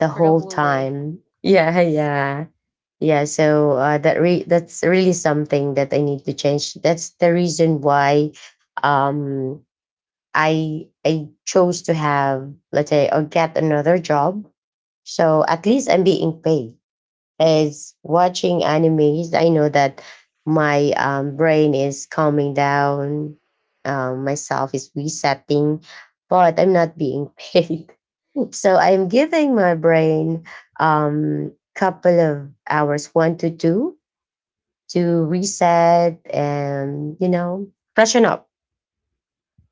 S1: the
S2: For the
S1: whole
S2: whole day.
S1: time. Yeah,
S2: Yes.
S1: yeah. Yeah, so that that's really something that I need to change. That's the reason why um I chose to have, let's say, or get another job. So at least I'm being paid. As watching animes, I know that my brain is calming down, myself is resetting, but I'm not being paid. So I'm giving my brain couple of hours, one to two, to reset and, you know, freshen up,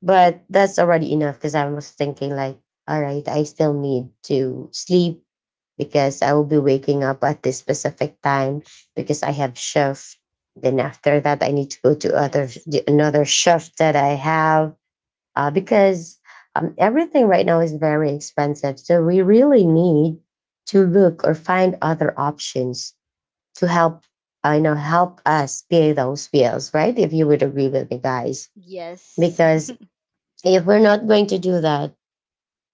S1: but that's already enough because I was thinking like, all right, I still need to sleep because I will be waking up at this specific time because I have shift. Then after that, I need to go to
S2: Yes.
S1: another shift that I have because everything right now is very expensive. So we really need to look or find other options to help. I know help us pay those bills, right? If you would agree with me, guys,
S2: Yes.
S1: because if we're not going to do that,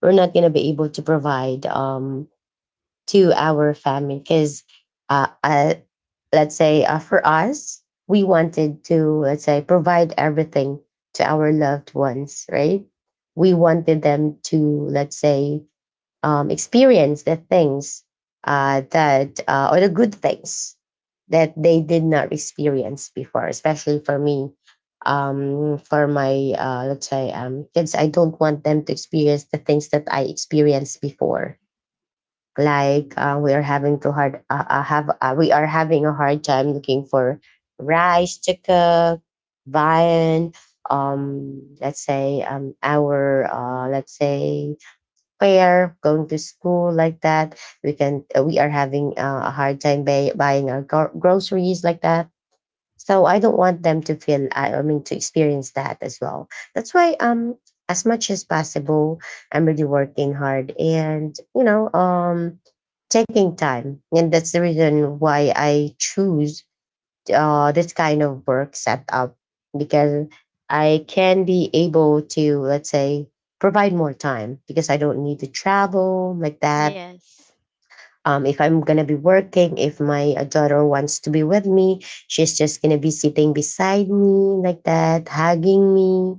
S1: we're not going to be able to provide to our family because, uh, uh, let's say, for us, we wanted to, let's say, provide everything to our loved ones, right? We wanted them to, let's say, experience the things that or the good things that they did not experience before, especially for me. For my let's say, kids, I don't want them to experience the things that I experienced before, like, we are having to hard have we are having a hard time looking for rice to cook, viand, let's say, our let's say, fair, going to school like that. We are having a hard time buying our groceries like that. So I don't want them to feel, I mean to experience that as well. That's why as much as possible I'm really working hard and, you know, taking time, and that's the reason why I choose this kind of work set up, because I can be able to, let's say, provide more time because I don't need to travel like that.
S2: Yes.
S1: If I'm gonna be working, if my daughter wants to be with me, she's just gonna be sitting beside me like that, hugging me,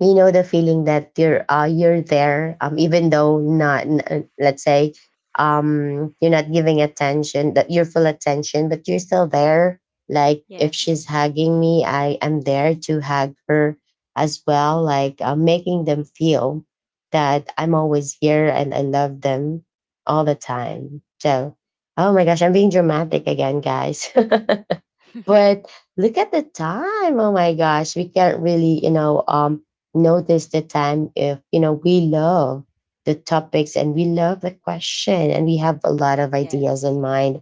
S1: you know, the feeling that you're there, even though not n- let's say, you're not giving attention, that you're full attention, but you're still there. Like if she's
S2: Yes.
S1: hugging me, I am there to hug her as well, like, making them feel that I'm always here and I love them all the time. So oh my gosh, I'm being dramatic again, guys. But look at the time. Oh my gosh, we can't really, you know, notice the time if, you know, we love the topics and we love the question and we have a lot of ideas
S2: Yes.
S1: in mind.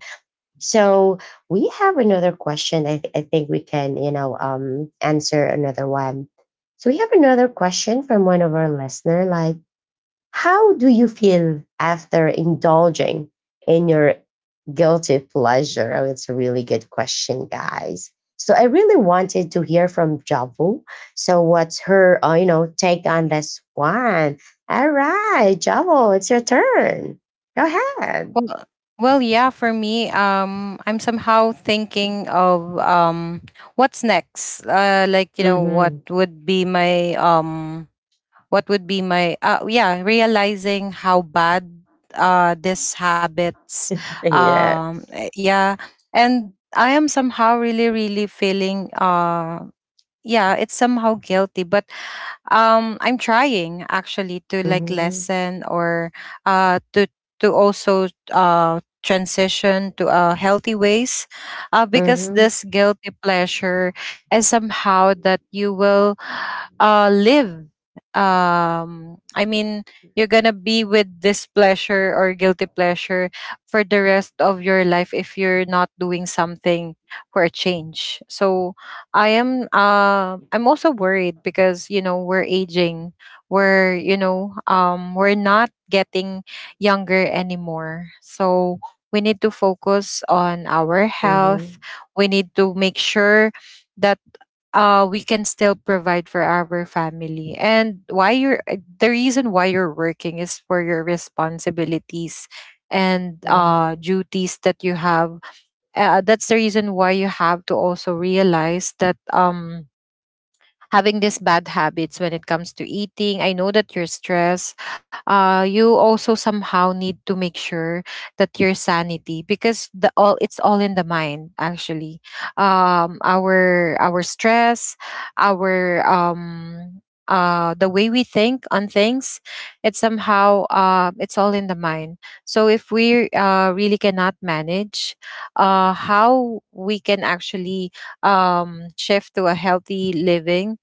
S1: So we have another question. I think we can, you know, answer another one. So we have another question from one of our listener like, how do you feel after indulging in your guilty pleasure? Oh, it's a really good question, guys. So I really wanted to hear from Javu. So what's her, you know, take on this one? All right, Javu, it's your turn. Go ahead.
S3: Well, well, yeah, for me, I'm somehow thinking of what's next. Like, you know, what
S1: hmm
S3: would be my what would be my yeah, realizing how bad these habits,
S1: Yeah.
S3: yeah, and I am somehow really, really feeling yeah, it's somehow guilty. But I'm trying actually to, like,
S1: hmm
S3: lessen or uh to to also transition to a healthy ways, because
S1: hmm
S3: this guilty pleasure is somehow that you will live, I mean, you're gonna be with this pleasure or guilty pleasure for the rest of your life if you're not doing something for a change. So I am I'm also worried, because you know, we're aging. We're, you know, we're not getting younger anymore. So we need to focus on our health.
S1: hmm
S3: We need to make sure that we can still provide for our family. And why you're the reason why you're working is for your responsibilities and
S1: hmm
S3: duties that you have, that's the reason why you have to also realize that having these bad habits when it comes to eating. I know that you're stressed. You also somehow need to make sure that your sanity, because the all it's all in the mind actually. Our stress, our the way we think on things, it's somehow it's all in the mind. So if we really cannot manage, how we can actually shift to a healthy living.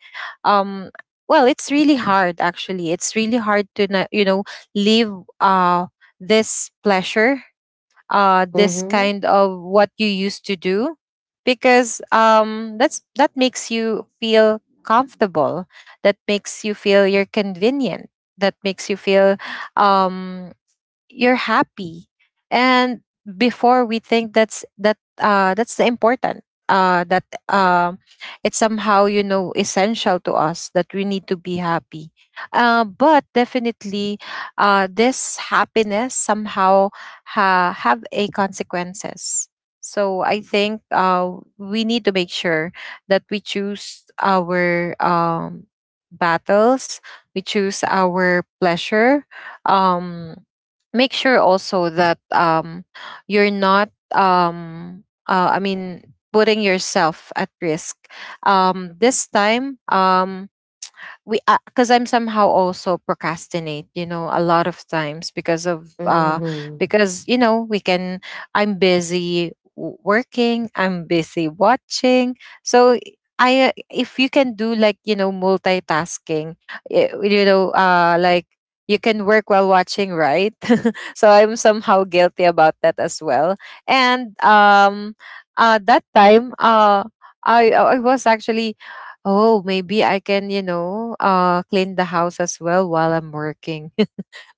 S3: um well, it's really hard actually, it's really hard to you know, leave uh this pleasure, this
S1: hmm
S3: kind of what you used to do, because that makes you feel comfortable, that makes you feel you're convenient, that makes you feel um you're happy. And before we think that's the important that um it's somehow you know essential to us that we need to be happy. But definitely, this happiness somehow have a consequences. So I think we need to make sure that we choose our battles, we choose our pleasure. um Make sure also that you're not I mean, putting yourself at risk this time. We because I'm somehow also procrastinate, you know, a lot of times because of
S1: hmm
S3: because you know we can, I'm busy working, I'm busy watching. So I if you can do, like, you know, multitasking, you know, uh, like, you can work while watching, right? So I'm somehow guilty about that as well. And that time, uh, I was actually, oh, maybe I can, you know, clean the house as well while I'm working,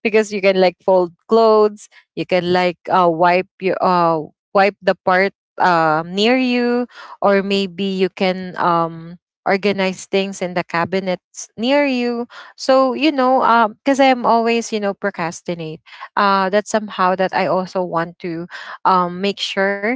S3: because you can like fold clothes, you can like wipe your wipe the part near you, or maybe you can organize things in the cabinets near you. So you know, because I'm always, you know, procrastinate. That's somehow that I also want to make sure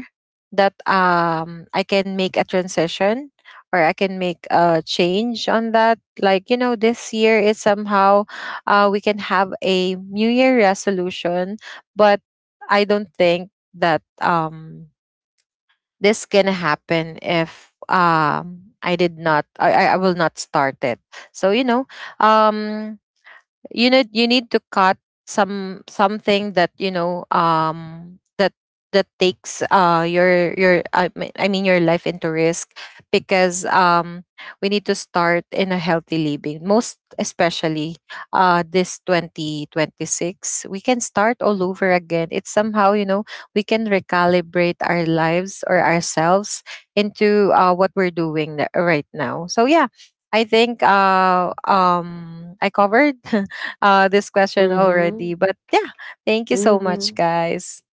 S3: that I can make a transition or I can make a change on that, like, you know. This year is somehow, we can have a New Year resolution, but I don't think that this gonna happen if I did not. I will not start it. So you know, um, you need to cut some something that you know that takes I mean your life into risk, because we need to start in a healthy living, most especially this 2026 we can start all over again. It's somehow you know we can recalibrate our lives or ourselves into what we're doing right now. So yeah, I think I covered this question
S1: hmm
S3: already. But yeah, thank you so much,
S1: hmm
S3: guys.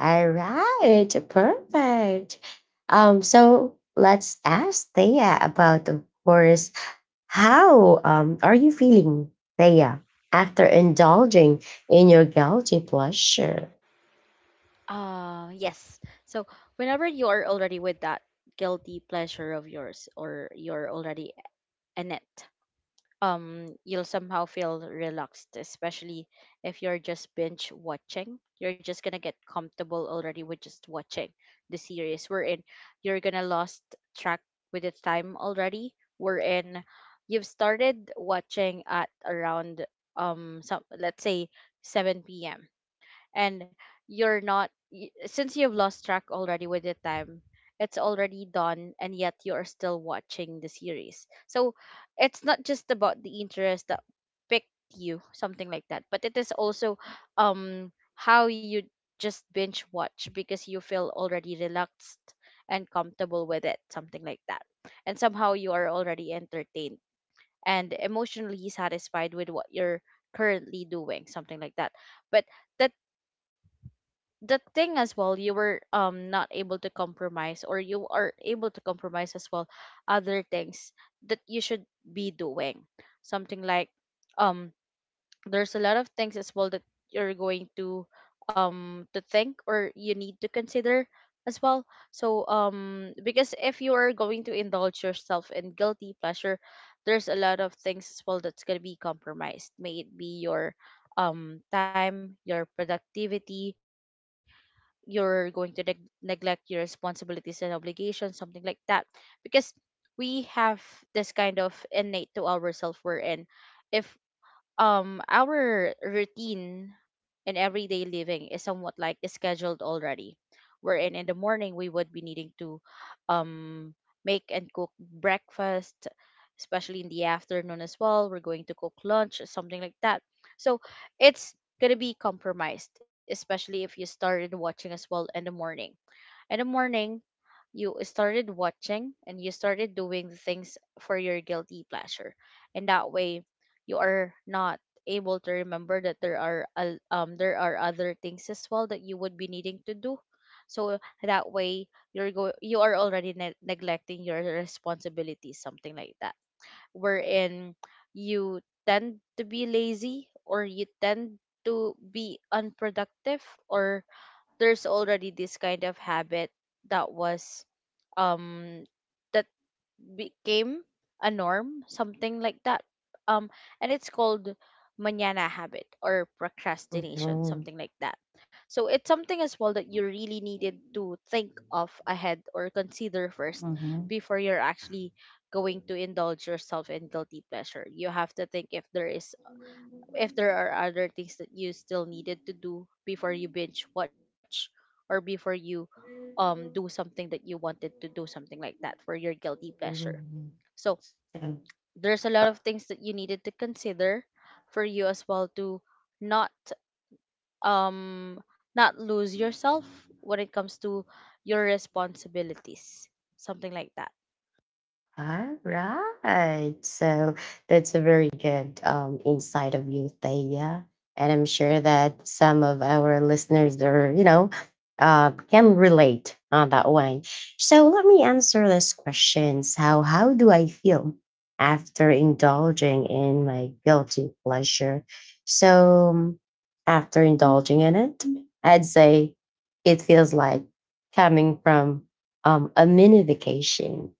S1: All right, perfect. So let's ask Thea about, of course, how are you feeling, Thea, after indulging in your guilty pleasure?
S2: Uh, yes. So whenever you are already with that guilty pleasure of yours, or you're already in it, you'll somehow feel relaxed, especially if you're just binge watching. You're just gonna get comfortable already with just watching the series. We're in. You're gonna lost track with the time already. We're in. You've started watching at around some, let's say, 7 p.m, and you're not since you've lost track already with the time, it's already done and yet you're still watching the series. So it's not just about the interest that picked you, something like that, but it is also how you just binge watch because you feel already relaxed and comfortable with it, something like that. And somehow you are already entertained and emotionally satisfied with what you're currently doing, something like that. But that, the thing as well, you were not able to compromise, or you are able to compromise as well other things that you should be doing, something like um there's a lot of things as well that you're going to think, or you need to consider as well. So because if you are going to indulge yourself in guilty pleasure, there's a lot of things as well that's going to be compromised, may it be your time, your productivity. You're going to neglect your responsibilities and obligations, something like that. Because we have this kind of innate to ourselves, we're in. If our routine in everyday living is somewhat like scheduled already, wherein in the morning we would be needing to um make and cook breakfast, especially in the afternoon as well we're going to cook lunch, something like that. So it's going to be compromised, especially if you started watching as well in the morning. In the morning, you started watching and you started doing the things for your guilty pleasure, and that way you are not able to remember that there are um there are other things as well that you would be needing to do. So that way, you are already neglecting your responsibilities, something like that, wherein you tend to be lazy, or you tend to be unproductive, or there's already this kind of habit that was um that became a norm, something like that. Um, and it's called manana habit, or procrastination,
S1: Mhm.
S2: something like that. So it's something as well that you really needed to think of ahead or consider first before you're actually going to indulge yourself in guilty pleasure. You have to think if there is, if there are other things that you still needed to do before you binge watch, or before you do something that you wanted to do, something like that, for your guilty pleasure.
S1: Mhm.
S2: So
S1: Mhm.
S2: there's a lot of things that you needed to consider for you as well to not um not lose yourself when it comes to your responsibilities, something like that.
S1: All right. So that's a very good insight of you, Thea. And I'm sure that some of our listeners are, you know, can relate on that one. So let me answer this question. So how do I feel after indulging in my guilty pleasure? So after indulging in it, I'd say it feels like coming from a mini vacation.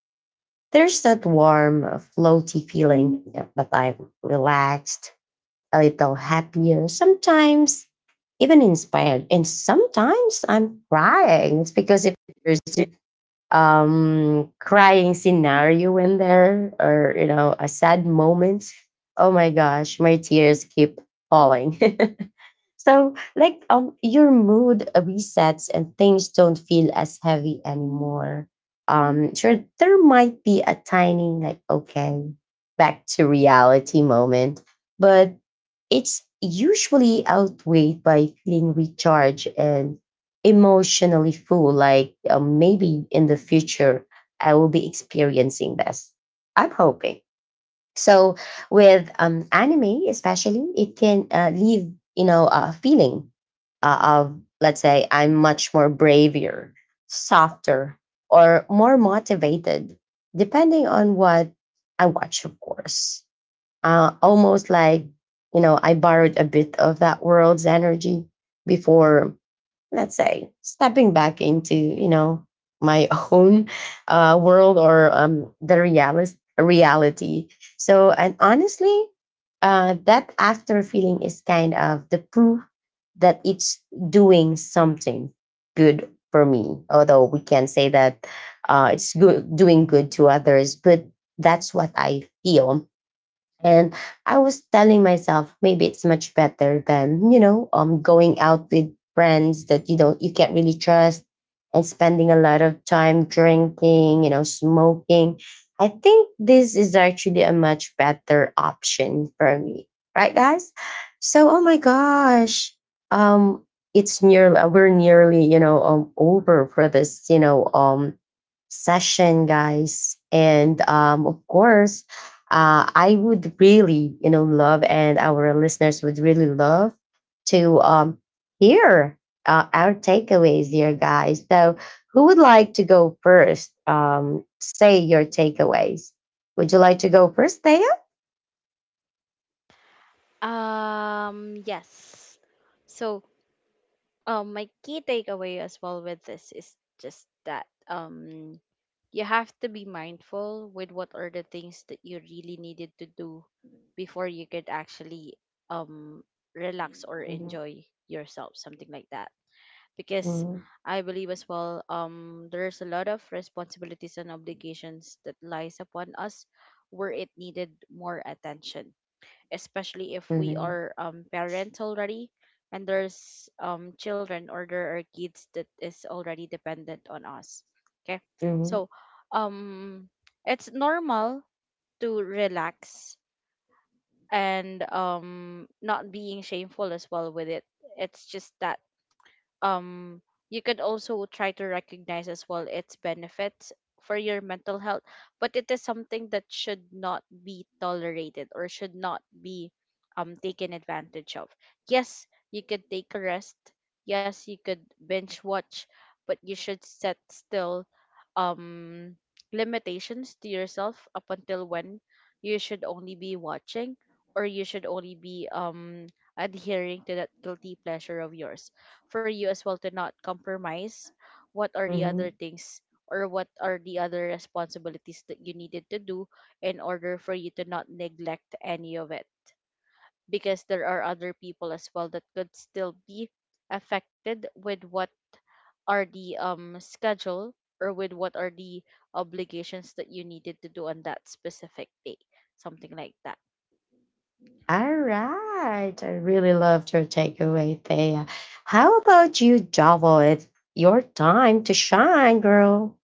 S1: There's that warm, floaty feeling that I'm relaxed, a little happier, sometimes even inspired. And sometimes I'm crying. It's because if there's crying scenario in there or, you know, a sad moment, oh my gosh, my tears keep falling. So, like, your mood resets and things don't feel as heavy anymore. Sure, there might be a tiny, like, okay, back to reality moment, but it's usually outweighed by feeling recharged and emotionally full. Like, maybe in the future, I will be experiencing this. I'm hoping. So with anime, especially, it can leave, you know, a feeling of, let's say, I'm much more braver, softer, or more motivated, depending on what I watch, of course. Almost like, you know, I borrowed a bit of that world's energy before, let's say, stepping back into, you know, my own world or reality. So and honestly that after feeling is kind of the proof that it's doing something good for me, although we can say that it's good doing good to others, but that's what I feel. And I was telling myself maybe it's much better than, you know, going out with friends that you can't really trust and spending a lot of time drinking, you know, smoking. I think this is actually a much better option for me. Right, guys? So oh my gosh. Um, it's nearly, we're nearly, you know, over for this, you know, session, guys. And of course, I would really, you know, love, and our listeners would really love to hear our takeaways here, guys. So, who would like to go first? Say your takeaways. Would you like to go first, Thea?
S2: Yes. So my key takeaway as well with this is just that you have to be mindful with what are the things that you really needed to do before you could actually um relax or
S1: Mhm,
S2: enjoy yourself, something like that, because
S1: mhm,
S2: I believe as well there's a lot of responsibilities and obligations that lies upon us where it needed more attention, especially if we
S1: mhm,
S2: are parents already, and there's children, or there are kids that is already dependent on us. Okay. So um it's normal to relax and not being shameful as well with it. It's just that um you could also try to recognize as well its benefits for your mental health, but it is something that should not be tolerated or should not be taken advantage of. Yes, you could take a rest. Yes, you could binge watch. But you should set still um limitations to yourself, up until when you should only be watching, or you should only be adhering to that guilty pleasure of yours, for you as well to not compromise what are the
S1: mhm.
S2: other things or what are the other responsibilities that you needed to do, in order for you to not neglect any of it, because there are other people as well that could still be affected with what are the schedule, or with what are the obligations that you needed to do on that specific day, something like that.
S1: All right. I really loved your takeaway, Thea. How about you, Javo? It's your time to shine, girl.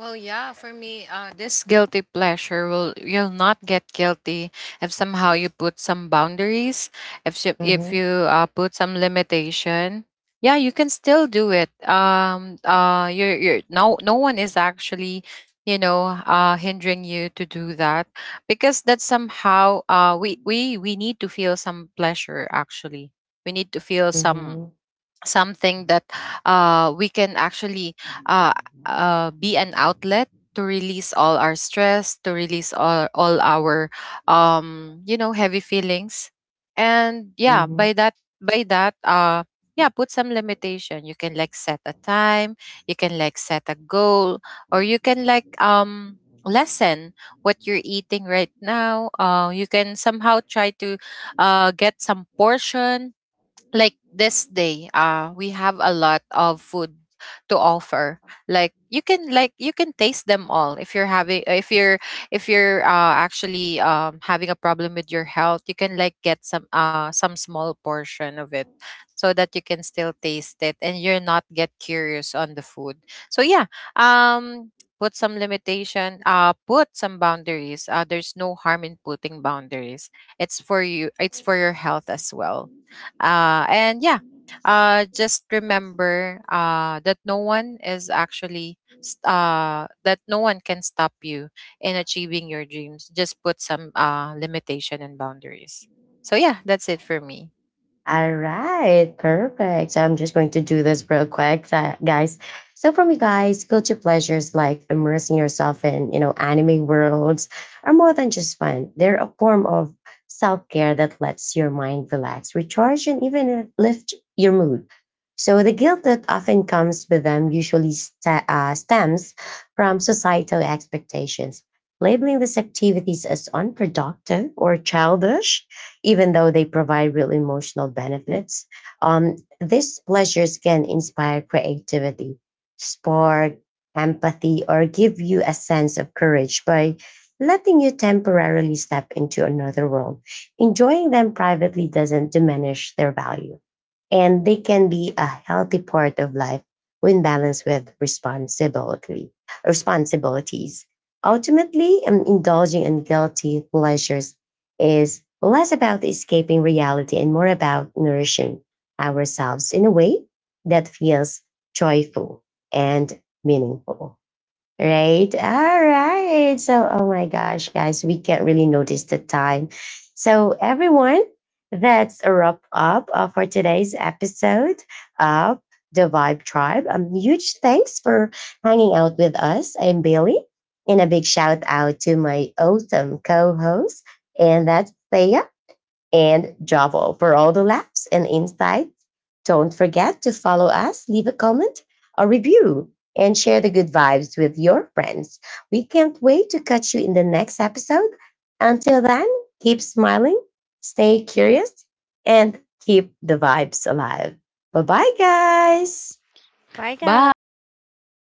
S3: Well, yeah, for me, this guilty pleasure will, you'll not get guilty if somehow you put some boundaries, if you,
S1: Mm-hmm.
S3: put some limitation. Yeah, you can still do it. You're no one is actually, you know, hindering you to do that, because that's somehow we need to feel some pleasure actually. We need to feel some
S1: Mm-hmm.
S3: something that we can actually uh, be an outlet to release all our stress, to release all our you know, heavy feelings. And yeah, by that, by that uh, yeah, put some limitation. You can, like, set a time, you can, like, set a goal, or you can, like, lessen what you're eating right now. You can somehow try to get some portion. Like this day, uh, we have a lot of food to offer. Like you can like, you can taste them all if you're having, if you're actually having a problem with your health, you can, like, get some small portion of it, so that you can still taste it and you're not get curious on the food. So yeah, put some limitation, put some boundaries. There's no harm in putting boundaries. It's for you, it's for your health as well. And yeah, just remember that no one is actually
S1: Mm-hmm.
S3: that no one can stop you in achieving your dreams. Just put some limitation and boundaries. So yeah, that's it for me.
S1: All right, perfect. So I'm just going to do this real quick, guys. So for me, guys, guilty pleasures like immersing yourself in, you know, anime worlds are more than just fun. They're a form of self-care that lets your mind relax, recharge, and even lift your mood. So the guilt that often comes with them usually sta stems from societal expectations. Labeling these activities as unproductive or childish even though they provide real emotional benefits. These pleasures can inspire creativity, spark empathy, or give you a sense of courage by letting you temporarily step into another world. Enjoying them privately doesn't diminish their value, and they can be a healthy part of life when balanced with responsibility responsibilities. Ultimately, indulging in guilty pleasures is less about escaping reality and more about nourishing ourselves in a way that feels joyful and meaningful. Right. All right. So, oh my gosh, guys, we can't really notice the time. So, everyone, that's a wrap up for today's episode of the Vibe Tribe. Huge thanks for hanging out with us. I'm Bailey, and a big shout out to my awesome co-host, and that's Thea and Javo for all the laughs and insights. Don't forget to follow us, leave a comment, a review, and share the good vibes with your friends. We can't wait to catch you in the next episode. Until then, keep smiling, stay curious, and keep the vibes alive. Bye bye, guys.
S2: Bye,
S3: Bye. Thank you.
S2: guys.